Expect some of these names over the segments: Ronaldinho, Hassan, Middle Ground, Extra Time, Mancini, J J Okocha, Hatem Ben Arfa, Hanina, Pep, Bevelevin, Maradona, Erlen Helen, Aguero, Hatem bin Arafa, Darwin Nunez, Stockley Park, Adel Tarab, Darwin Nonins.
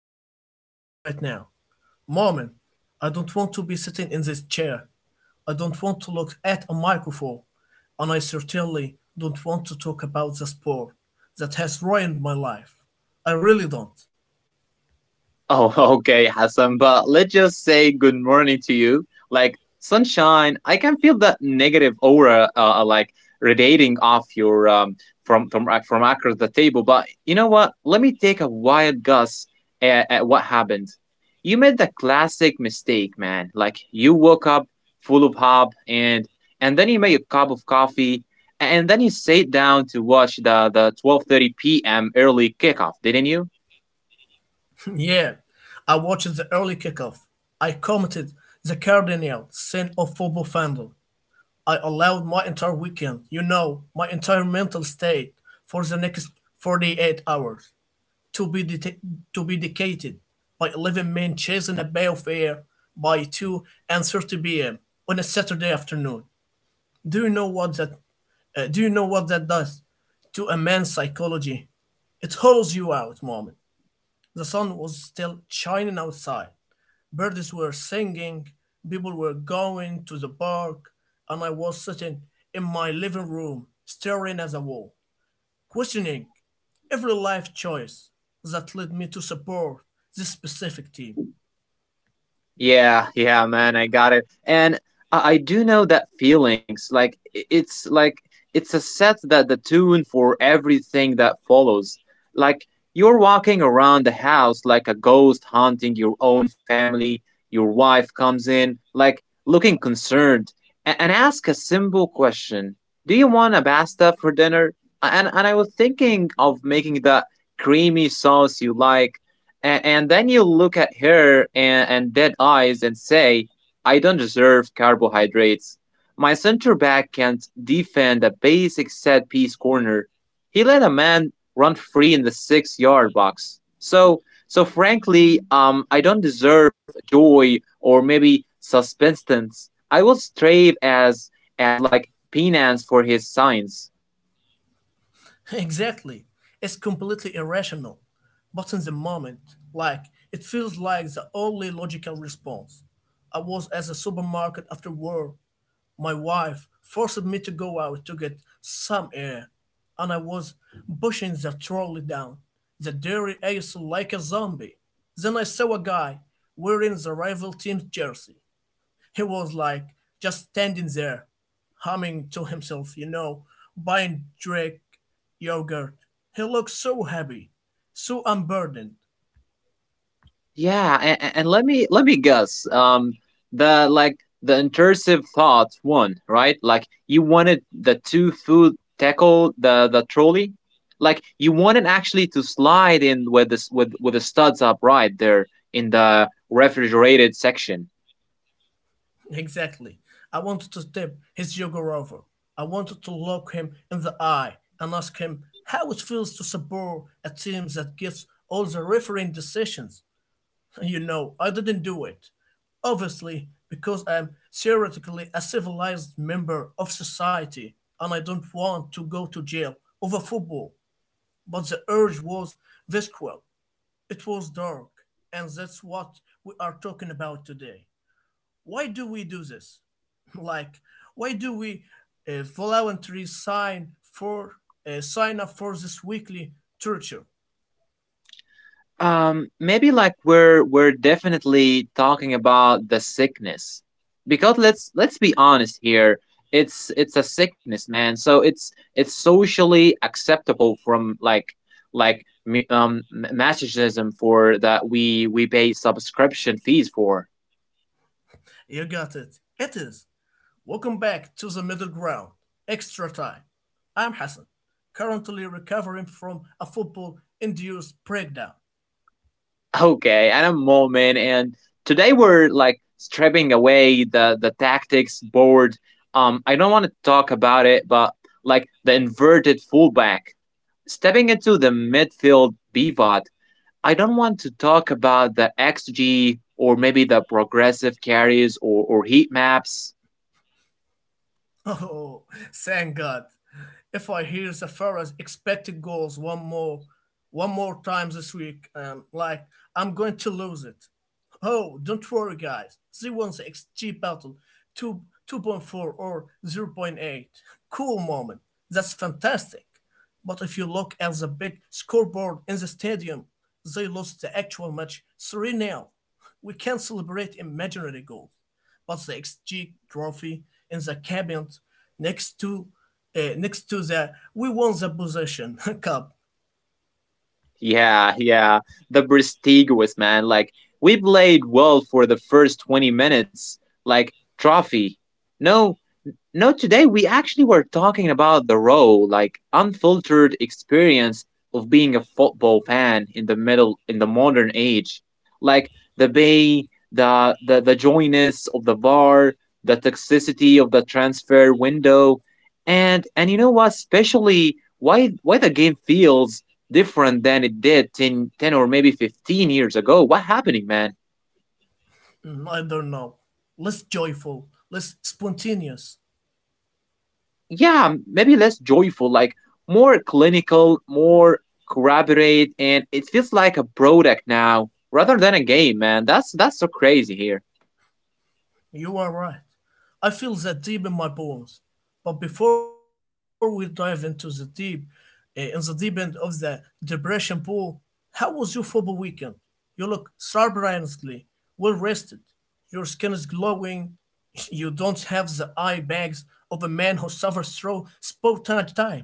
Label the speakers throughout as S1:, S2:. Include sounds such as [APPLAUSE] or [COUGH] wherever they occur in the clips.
S1: don't want to be here right now. Moment, I don't want to be sitting in this chair. I don't want to look at a microphone. And I certainly don't want to talk about the sport that has ruined my life. I really don't.
S2: Oh, [LAUGHS] okay, Hassan, but let's just say good morning to you. Like sunshine, I can feel that negative aura, like radiating off your from across the table. But you know what? Let me take a wild guess at what happened. You made the classic mistake, man. Like you woke up full of hope, and then you made a cup of coffee, and then you sat down to watch the 12:30 p.m. early kickoff, didn't you?
S1: [LAUGHS] Yeah, I watched the early kickoff. I commented the cardinal sin of football fandom. I allowed my entire weekend, my entire mental state for the next 48 hours to be, det- to be dedicated by 11 men chasing a balefire by 2:30 p.m. on a Saturday afternoon. Do you know what that do you know what that does to a man's psychology? It hollows you out, moment. The sun was still shining outside. Birds were singing, people were going to the park, and I was sitting in my living room staring at the wall questioning every life choice that led me to support this specific team.
S2: Yeah, yeah, man, I got it. And I do know that feelings, like it's like it's a set that the tune for everything that follows. Like you're walking around the house like a ghost haunting your own family. Your wife comes in, like looking concerned, and ask a simple question: Do you want a pasta for dinner? And I was thinking of making that creamy sauce you like, and then you look at her and dead eyes and say, I don't deserve carbohydrates. My center back can't defend a basic set piece corner. He let a man run free in the six-yard box. So frankly, I don't deserve joy or maybe suspense. I will strive as like penance for his signs.
S1: [LAUGHS] Exactly. It's completely irrational, but in the moment, like, it feels like the only logical response. I was at the supermarket after work. My wife forced me to go out to get some air, and I was pushing the trolley down the dairy aisle like a zombie. Then I saw a guy wearing the rival team's jersey. He was like just standing there, humming to himself, buying Drake yogurt. He looked so happy, so unburdened. [LAUGHS]
S2: Yeah, and let me guess. The like the intrusive thought one, right? Like you wanted the two-foot tackle the trolley, like you wanted actually to slide in with this with the studs upright there in the refrigerated section.
S1: Exactly. I wanted to tip his yogurt over. I wanted to look him in the eye and ask him how it feels to support a team that gets all the refereeing decisions. I didn't do it. Obviously, because I'm theoretically a civilized member of society and I don't want to go to jail over football. But the urge was visceral, it was dark, and that's what we are talking about today. Why do we do this? [LAUGHS] Like, why do we voluntarily sign up for this weekly torture?
S2: Maybe like we're definitely talking about the sickness because let's be honest here. It's a sickness, man. So it's socially acceptable from like masochism for that we pay subscription fees for. [LAUGHS]
S1: You got it. It is. Welcome back to the Middle Ground, Extra Time. I'm Hassan, currently recovering from a football induced breakdown.
S2: Okay, at a moment, and today we're like stripping away the tactics board. I don't want to talk about it, but like the inverted fullback stepping into the midfield pivot, I don't want to talk about the XG or maybe the progressive carries or heat maps.
S1: Oh, thank God. If I hear the Pharaoh's expected goals one more time this week, like I'm going to lose it. Oh, don't worry, guys. They won the XG battle two 2.4 or zero point 0.8. Cool moment. That's fantastic. But if you look at the big scoreboard in the stadium, they lost the actual match 3 nil. We can't celebrate imaginary goals but the XG trophy in the cabinet next to next to the we won the possession [LAUGHS] cup.
S2: Yeah, yeah, the prestigious man. Like, we played well for the first 20 minutes, like, trophy. No, no, today we actually were talking about the raw, like unfiltered experience of being a football fan in the middle in the modern age. Like the joyness of the bar, the toxicity of the transfer window, and you know what, especially why the game feels different than it did ten or maybe 15 years ago. What happening, man?
S1: Mm, I don't know. Less joyful, less spontaneous.
S2: Yeah, maybe less joyful, like more clinical, more corroborate, and it feels like a product now rather than a game, man. That's so crazy here. [LAUGHS]
S1: You are right. I feel that deep in my bones. But before we dive into the deep, in the deep end of the depression pool, how was your football weekend? You look surprisingly well rested. Your skin is glowing. You don't have the eye bags of a man who suffers through spontaneous time.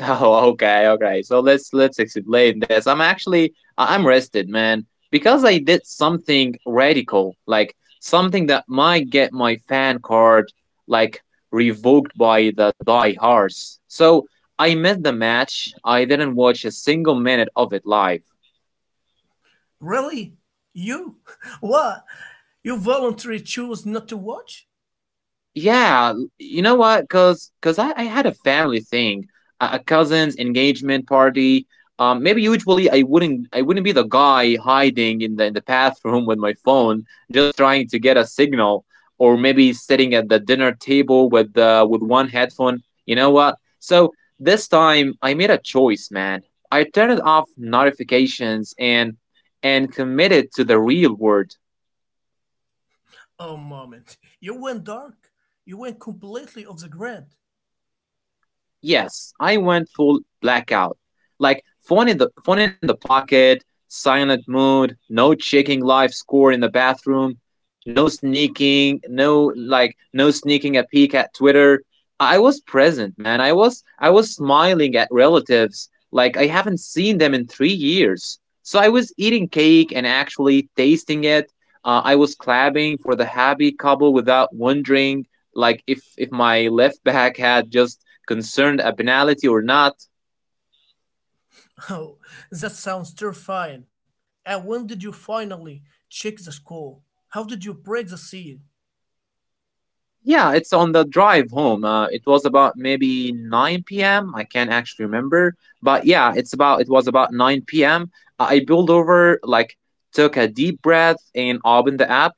S2: Oh, okay, okay. So let's explain this. I'm actually I'm rested, man, because I did something radical, like something that might get my fan card like revoked by the diehards. So I missed the match. I didn't watch a single minute of it live.
S1: Really? You? [LAUGHS] What? You voluntarily chose not to watch?
S2: Yeah, you know what? Cause I had a family thing, a cousin's engagement party. Maybe usually I wouldn't be the guy hiding in the bathroom [LAUGHS] with my phone, just trying to get a signal, or maybe sitting at the dinner table with one headphone. You know what? So this time I made a choice, man. I turned off notifications and committed to the real world.
S1: Oh, moment. You went dark. You went completely off the grid.
S2: Yes, I went full blackout. Like phone in the pocket, silent mood, no checking live score in the bathroom, no like no sneaking a peek at Twitter. I was present, man. I was smiling at relatives like I haven't seen them in 3 years. So I was eating cake and actually tasting it. I was clapping for the happy couple without wondering like if my left back had just concerned a penalty or not.
S1: [LAUGHS] Oh, that sounds terrifying. And when did you finally check the score? How did you break the seal?
S2: Yeah, it's on the drive home. It was about maybe 9 p.m. I can't actually remember, but yeah, it was about 9 p.m. I pulled over, like took a deep breath, and opened the app,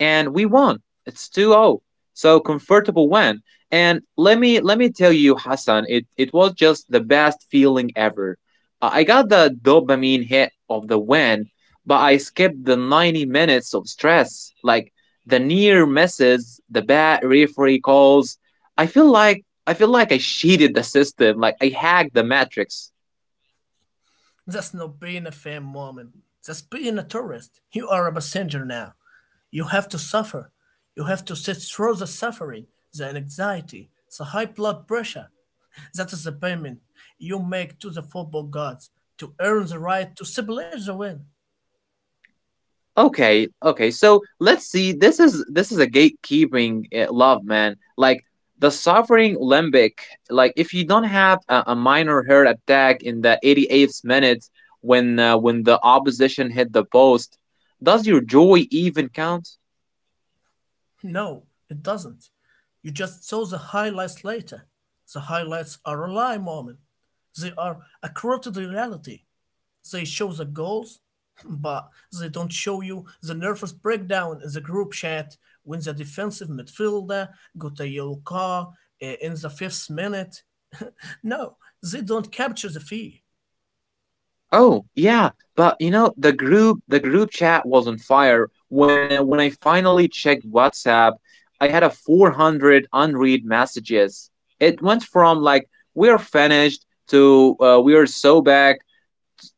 S2: and we won. It's 2-0. So comfortable win. And let me tell you, Hassan, it was just the best feeling ever. I got the dopamine hit of the win, but I skipped the 90 minutes of stress. Like the near misses, the bad referee calls. I feel like I cheated the system, like I hacked the matrix.
S1: That's not being a fan, moment. That's being a tourist. You are a passenger now. You have to suffer. You have to sit through the suffering, the anxiety, the high blood pressure. That is the payment you make to the football gods to earn the right to celebrate the win.
S2: Okay, okay. So let's see. This is a gatekeeping love, man. Like the suffering limbic. Like if you don't have a minor heart attack in the 88th minute when the opposition hit the post, does your joy even count?
S1: No, it doesn't. You just saw the highlights later. The highlights are a lie moment. They are a corrupted reality. They show the goals, but they don't show you the nervous breakdown in the group chat when the defensive midfielder got a yellow card in the fifth minute. No, they don't capture the fee. [LAUGHS]
S2: Oh, yeah, but you know the group chat was on fire when I finally checked WhatsApp, I had a 400 unread messages. It went from like we're finished to we are so back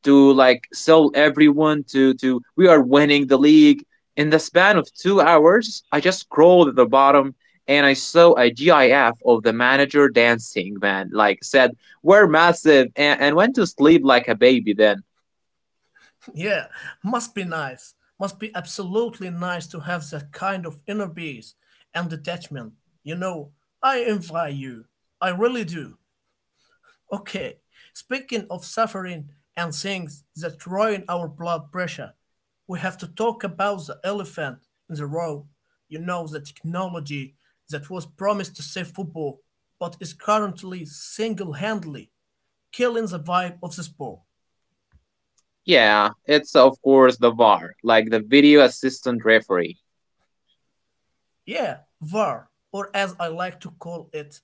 S2: to like sell everyone to we are winning the league. In the span of 2 hours, I just scrolled at the bottom and I saw a GIF of the manager dancing, man. Like said, "We're massive," and went to sleep like a baby then.
S1: Yeah, must be nice. Must be absolutely nice to have that kind of inner peace and detachment. You know, I envy you. I really do. Okay, speaking of suffering and things that ruin our blood pressure, we have to talk about the elephant in the room. The technology that was promised to save football, but is currently single handedly killing the vibe of the sport.
S2: Yeah, it's of course the VAR, like the video assistant referee.
S1: Yeah, VAR, or as I like to call it,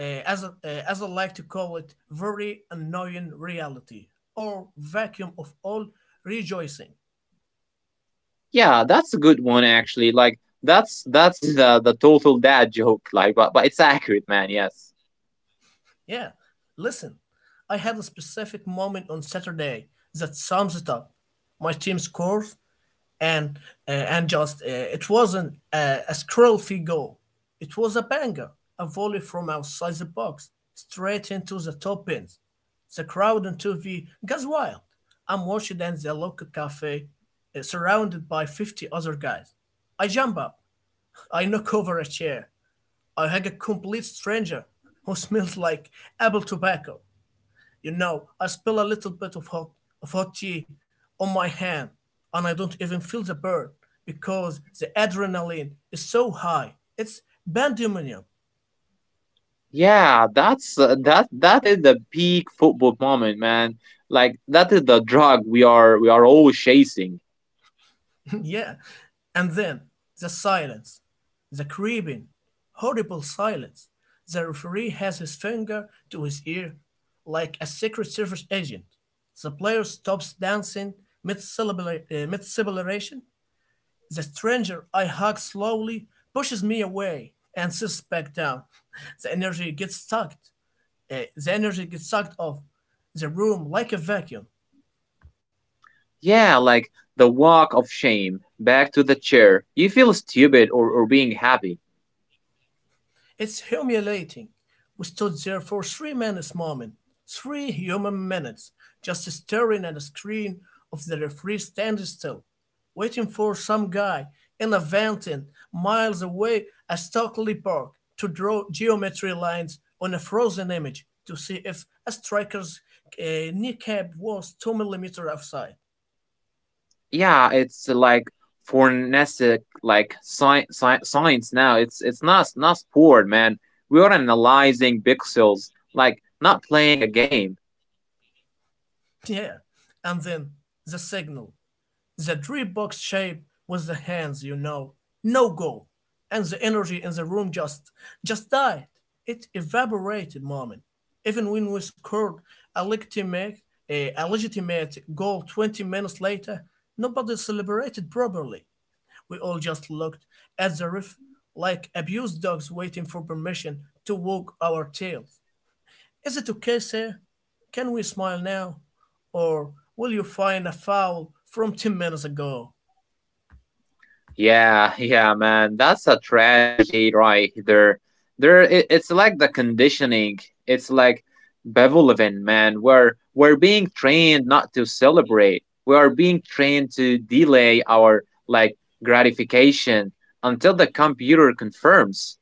S1: as I like to call it, very annoying reality, or vacuum of all rejoicing.
S2: Yeah, that's a good one actually. Like that's the total dad joke. Like, but it's accurate, man. Yes.
S1: Yeah, listen, I had a specific moment on Saturday that sums it up. My team scores, and and just it wasn't a scroll free goal. It was a banger, a volley from outside the box, straight into the top pins. The crowd on TV goes wild. I'm watching in the local cafe, surrounded by 50 other guys. I jump up. I knock over a chair. I hug a complete stranger who smells like apple tobacco. I spill a little bit of hot tea on my hand and I don't even feel the burn because the adrenaline is so high. It's pandemonium.
S2: Yeah, that is the peak football moment, man. Like that is the drug we are always chasing.
S1: [LAUGHS] Yeah. And then the silence, the creeping, horrible silence. The referee has his finger to his ear like a Secret Service agent. The player stops dancing mid-celebration. The stranger I hug slowly pushes me away and sits back down. The energy gets sucked off the room like a vacuum.
S2: Yeah, like the walk of shame back to the chair. You feel stupid or being happy.
S1: It's humiliating. We stood there for 3 minutes, moment, 3 human minutes, just staring at the screen of the referee standing still, waiting for some guy in a fountain miles away at Stockley Park to draw geometry lines on a frozen image to see if a striker's kneecap was 2 millimeters offside. [LAUGHS]
S2: Yeah, it's like forensic like science now. It's not sport, man. We are analyzing pixels, like not playing a game.
S1: Yeah, and then the signal. The 3 box shape with the hands. No go. And the energy in the room just died. It evaporated, moment. Even when we scored a legitimate, a legitimate goal 20 minutes later, nobody celebrated properly. We all just looked at the ref like abused dogs waiting for permission to wag our tails. Is it okay, sir? Can we smile now? Or will you find a foul from 10 minutes ago?
S2: Yeah, [LAUGHS] yeah, man. That's a tragedy right there. There, it's like the conditioning. It's like Bevelevin, man. We're being trained not to celebrate. We are being trained to delay our like gratification until the computer confirms.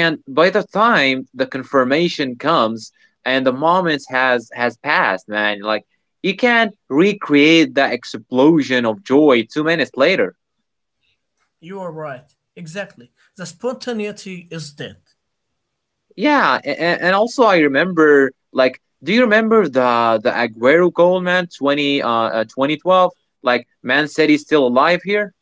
S2: And by the time the confirmation comes and the moment has passed, man, like you can't recreate that explosion of joy 2 minutes later.
S1: You are right. Exactly. The spontaneity is dead. [LAUGHS]
S2: Yeah, and also I remember like do you remember the Aguero goal, man, 20 2012, like man said he's still alive here.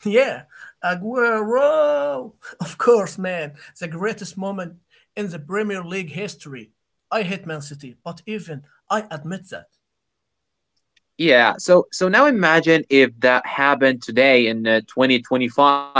S1: Yeah, Aguero. Of course, man. The greatest moment in the Premier League history. I hate Man City, but even I admit that.
S2: Yeah, so now imagine if that happened today in 2025.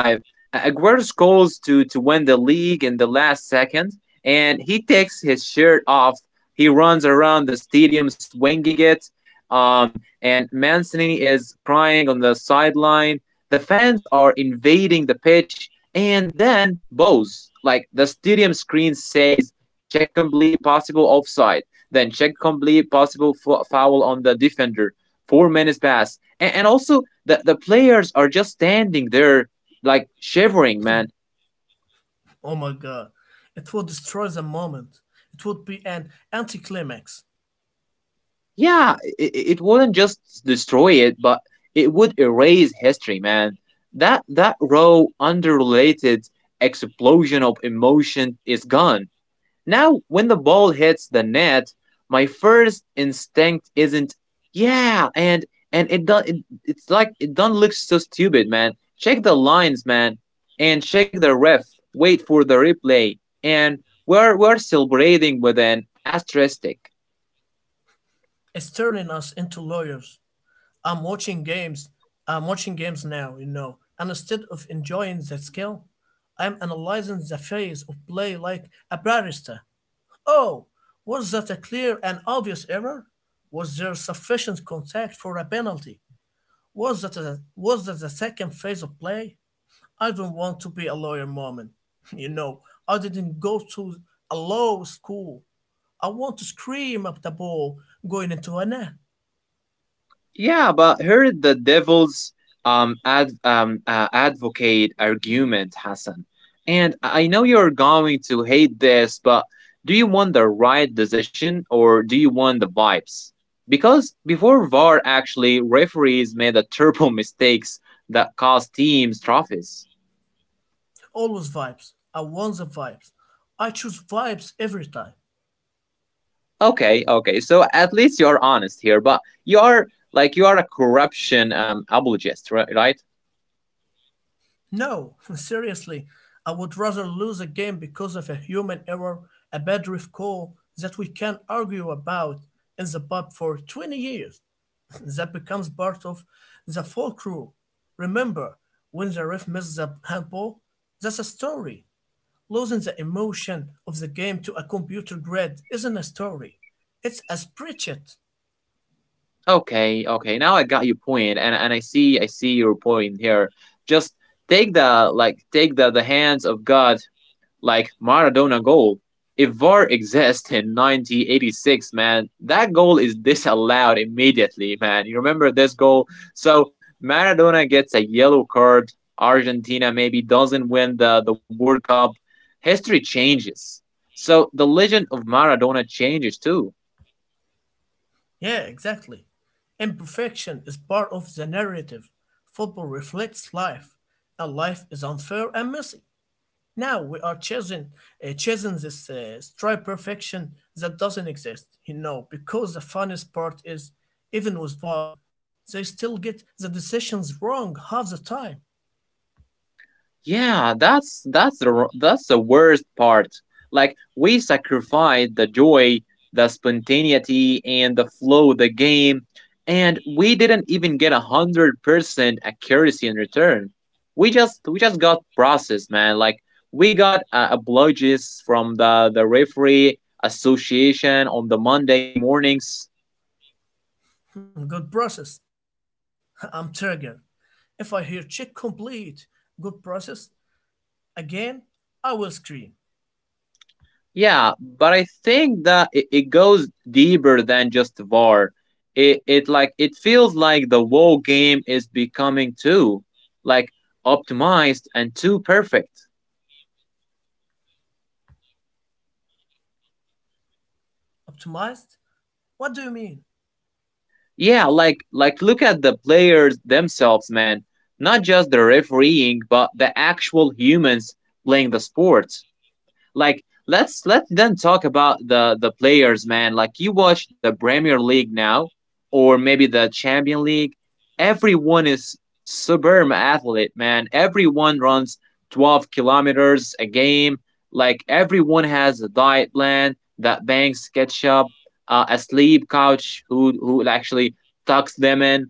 S2: Aguero scores to win the league in the last second, and he takes his shirt off. He runs around the stadium swinging it, and Mancini is crying on the sideline. The fans are invading the pitch, and then Bose, like the stadium screen says, check complete possible offside, then check complete possible foul on the defender. 4 minutes pass, and also the players are just standing there like shivering, man.
S1: [LAUGHS] Oh my God. It would destroy the moment. It would be an anticlimax.
S2: Yeah, it wouldn't just destroy it, but it would erase history, man. That raw, unrelated explosion of emotion is gone. Now, when the ball hits the net, my first instinct isn't yeah, and it's like it don't look so stupid, man. Check the lines, man, and check the ref. Wait for the replay, and we're celebrating with an asterisk.
S1: It's turning us into lawyers. I'm watching games. I'm watching games now. And instead of enjoying the skill, I'm analyzing the phase of play like a barrister. Oh, was that a clear and obvious error? Was there sufficient contact for a penalty? Was that the second phase of play? I don't want to be a lawyer, moment. [LAUGHS] You know, I didn't go to a law school. I want to scream at the ball going into a net.
S2: Yeah, but here the devil's ad advocate argument, Hassan. And I know you're going to hate this, but do you want the right decision or do you want the vibes? Because before VAR, actually, referees made a terrible [LAUGHS] mistakes that cost teams trophies.
S1: Always vibes. I want the vibes. I choose vibes every time.
S2: Okay, okay. So at least you are honest here, but you are like you are a corruption apologist, right?
S1: No, [LAUGHS] seriously, I would rather lose a game because of a human error, a bad ref call that we can argue about in the pub for 20 years. [LAUGHS] That becomes part of the folklore. Remember, when the ref misses the handball, that's a story. Losing the emotion of the game to a computer grid isn't a story. It's a spreadsheet.
S2: Okay, okay. Now I got your point, and I see your point here. Just take the like take the hands of God like Maradona goal. If VAR exists in 1986, man, that goal is disallowed immediately, man. You remember this goal? So Maradona gets a yellow card. Argentina maybe doesn't win the World Cup. History changes. So the legend of Maradona changes too.
S1: Yeah, exactly. Imperfection is part of the narrative. Football reflects life, and life is unfair and messy. Now we are chasing this strive perfection that doesn't exist. Because the funniest part is, even with VAR, they still get the decisions wrong half the time.
S2: Yeah, that's the worst part. Like we sacrificed the joy, the spontaneity, and the flow of the game, and we didn't even get 100% accuracy in return. We just got processed, man. Like we got apologies from the referee association on the Monday mornings.
S1: [LAUGHS] Good process. [LAUGHS] I'm triggered. If I hear check complete, good process, again, I will scream.
S2: Yeah, but I think that it goes deeper than just VAR. It like it feels like the whole game is becoming too like optimized and too perfect.
S1: Optimized? What do you mean?
S2: Yeah, like look at the players themselves, man. Not just the refereeing, but the actual humans playing the sport. Like let's then talk about the players, man. Like you watch the Premier League now, or maybe the Champion League. Everyone is superb athlete, man. Everyone runs 12 kilometers a game. Like everyone has a diet plan that banks ketchup, a sleep couch who actually tucks them in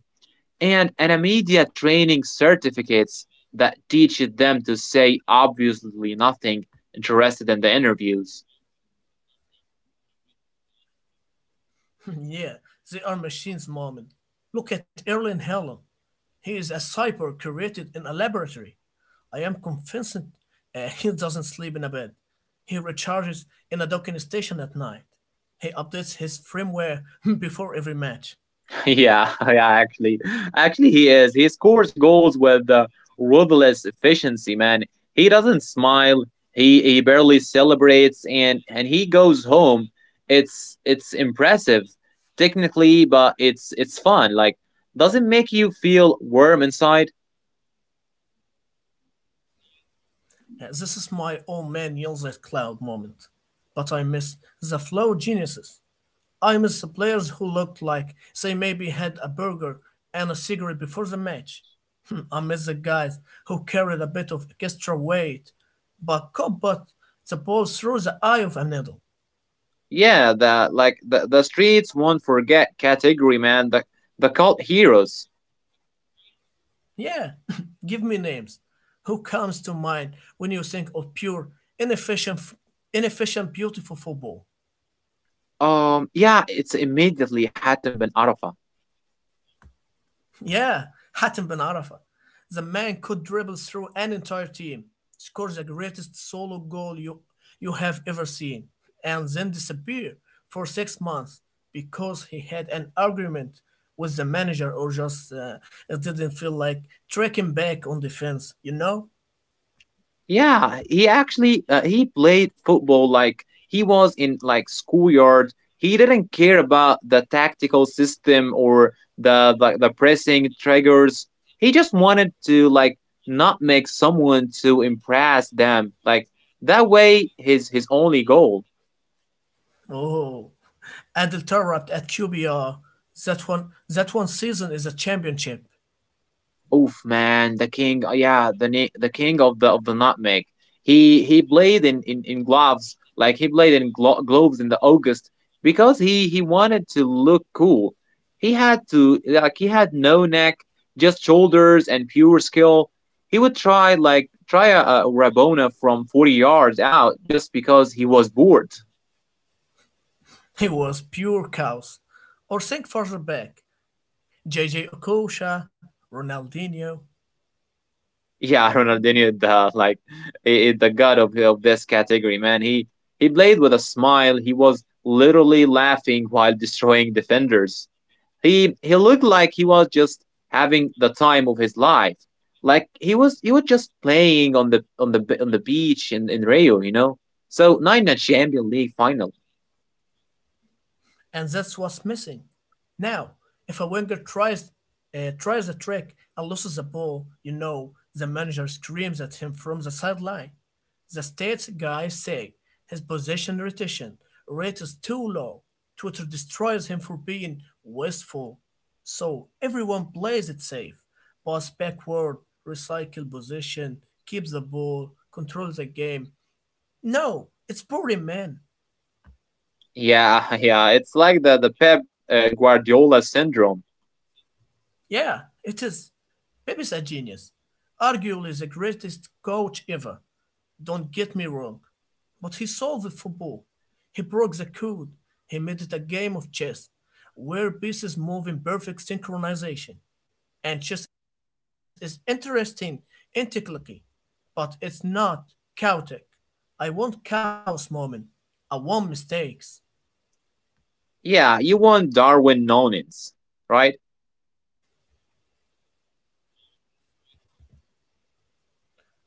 S2: and an media training certificates that teaches them to say obviously nothing interested in the interviews.
S1: [LAUGHS] Yeah, they are machines, moment. Look at Erlen Helen. He is a cyborg created in a laboratory. I am convinced he doesn't sleep in a bed. He recharges in a docking station at night. He updates his firmware [LAUGHS] before every match.
S2: [LAUGHS] Yeah, yeah, actually he is. He scores goals with ruthless efficiency, man. He doesn't smile. He barely celebrates, and he goes home. It's impressive technically, but it's fun. Like doesn't make you feel warm inside.
S1: This is my old man yells at cloud moment. But I miss the flow geniuses. I miss the players who looked like they maybe had a burger and a cigarette before the match. I miss the guys who carried a bit of extra weight, but could put the ball through the eye of a needle.
S2: Yeah, the like the streets won't forget category, man. The cult heroes.
S1: Yeah, [LAUGHS] give me names. Who comes to mind when you think of pure, inefficient, inefficient, beautiful football?
S2: Yeah, it's immediately Hatem bin Arafa.
S1: Yeah, Hatem Ben Arfa. The man could dribble through an entire team, score the greatest solo goal you have ever seen, and then disappear for 6 months because he had an argument with the manager or just it didn't feel like tracking back on defense, you know?
S2: Yeah, he actually he played football like he was in like schoolyard. He didn't care about the tactical system or the pressing triggers. He just wanted to like not make someone to impress them. Like that way, his only goal.
S1: Oh, Adel Tarab at QBR. That one season is a championship.
S2: Oof, man, the king. Yeah, the king of the nutmeg. He played in gloves, like he played in gloves in the August because he wanted to look cool. He had to like he had no neck, just shoulders and pure skill. He would try like try a Rabona from 40 yards out just because he was bored.
S1: He was pure chaos. Or think further back J.J. Okocha, Ronaldinho,
S2: Yeah, [LAUGHS] Ronaldinho, the like the god of this category, man. He played with a smile. He was literally laughing while destroying defenders. He looked like he was just having the time of his life. Like he was just playing on the beach in Rio. So nine Champions League final.
S1: and that's what's missing. Now, if a winger tries a trick and loses a ball, you know the manager screams at him from the sideline. The stats guys say his possession rotation rate is too low. Twitter destroys him for being wasteful. So everyone plays it safe. Pass backward, recycle position, keep the ball, control the game. No, it's boring, man.
S2: Yeah, [LAUGHS] yeah, it's like the Pep Guardiola syndrome.
S1: Yeah, it is. Pep is a genius. Arguably the greatest coach ever. Don't get me wrong. But he solved football. He broke the code. He made it a game of chess where pieces move in perfect synchronization. And chess is interesting intricately, but it's not chaotic. I want chaos moment. I want mistakes.
S2: Yeah, you want Darwin Nonins, right?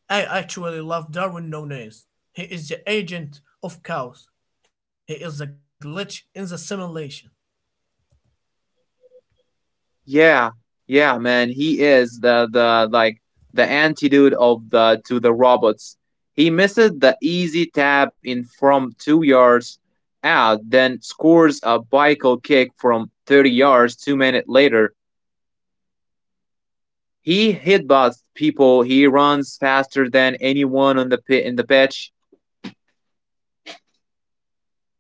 S1: I actually love Darwin Nunez. He is the agent of chaos. He is the glitch in the simulation.
S2: Yeah, yeah, man. He is the like the antidote of the to the robots. He misses the easy tap in from 2 yards out, then scores a bicycle kick from 30 yards 2 minutes later. He hit headbutts people. He runs faster than anyone on the pit in the pitch.
S1: Us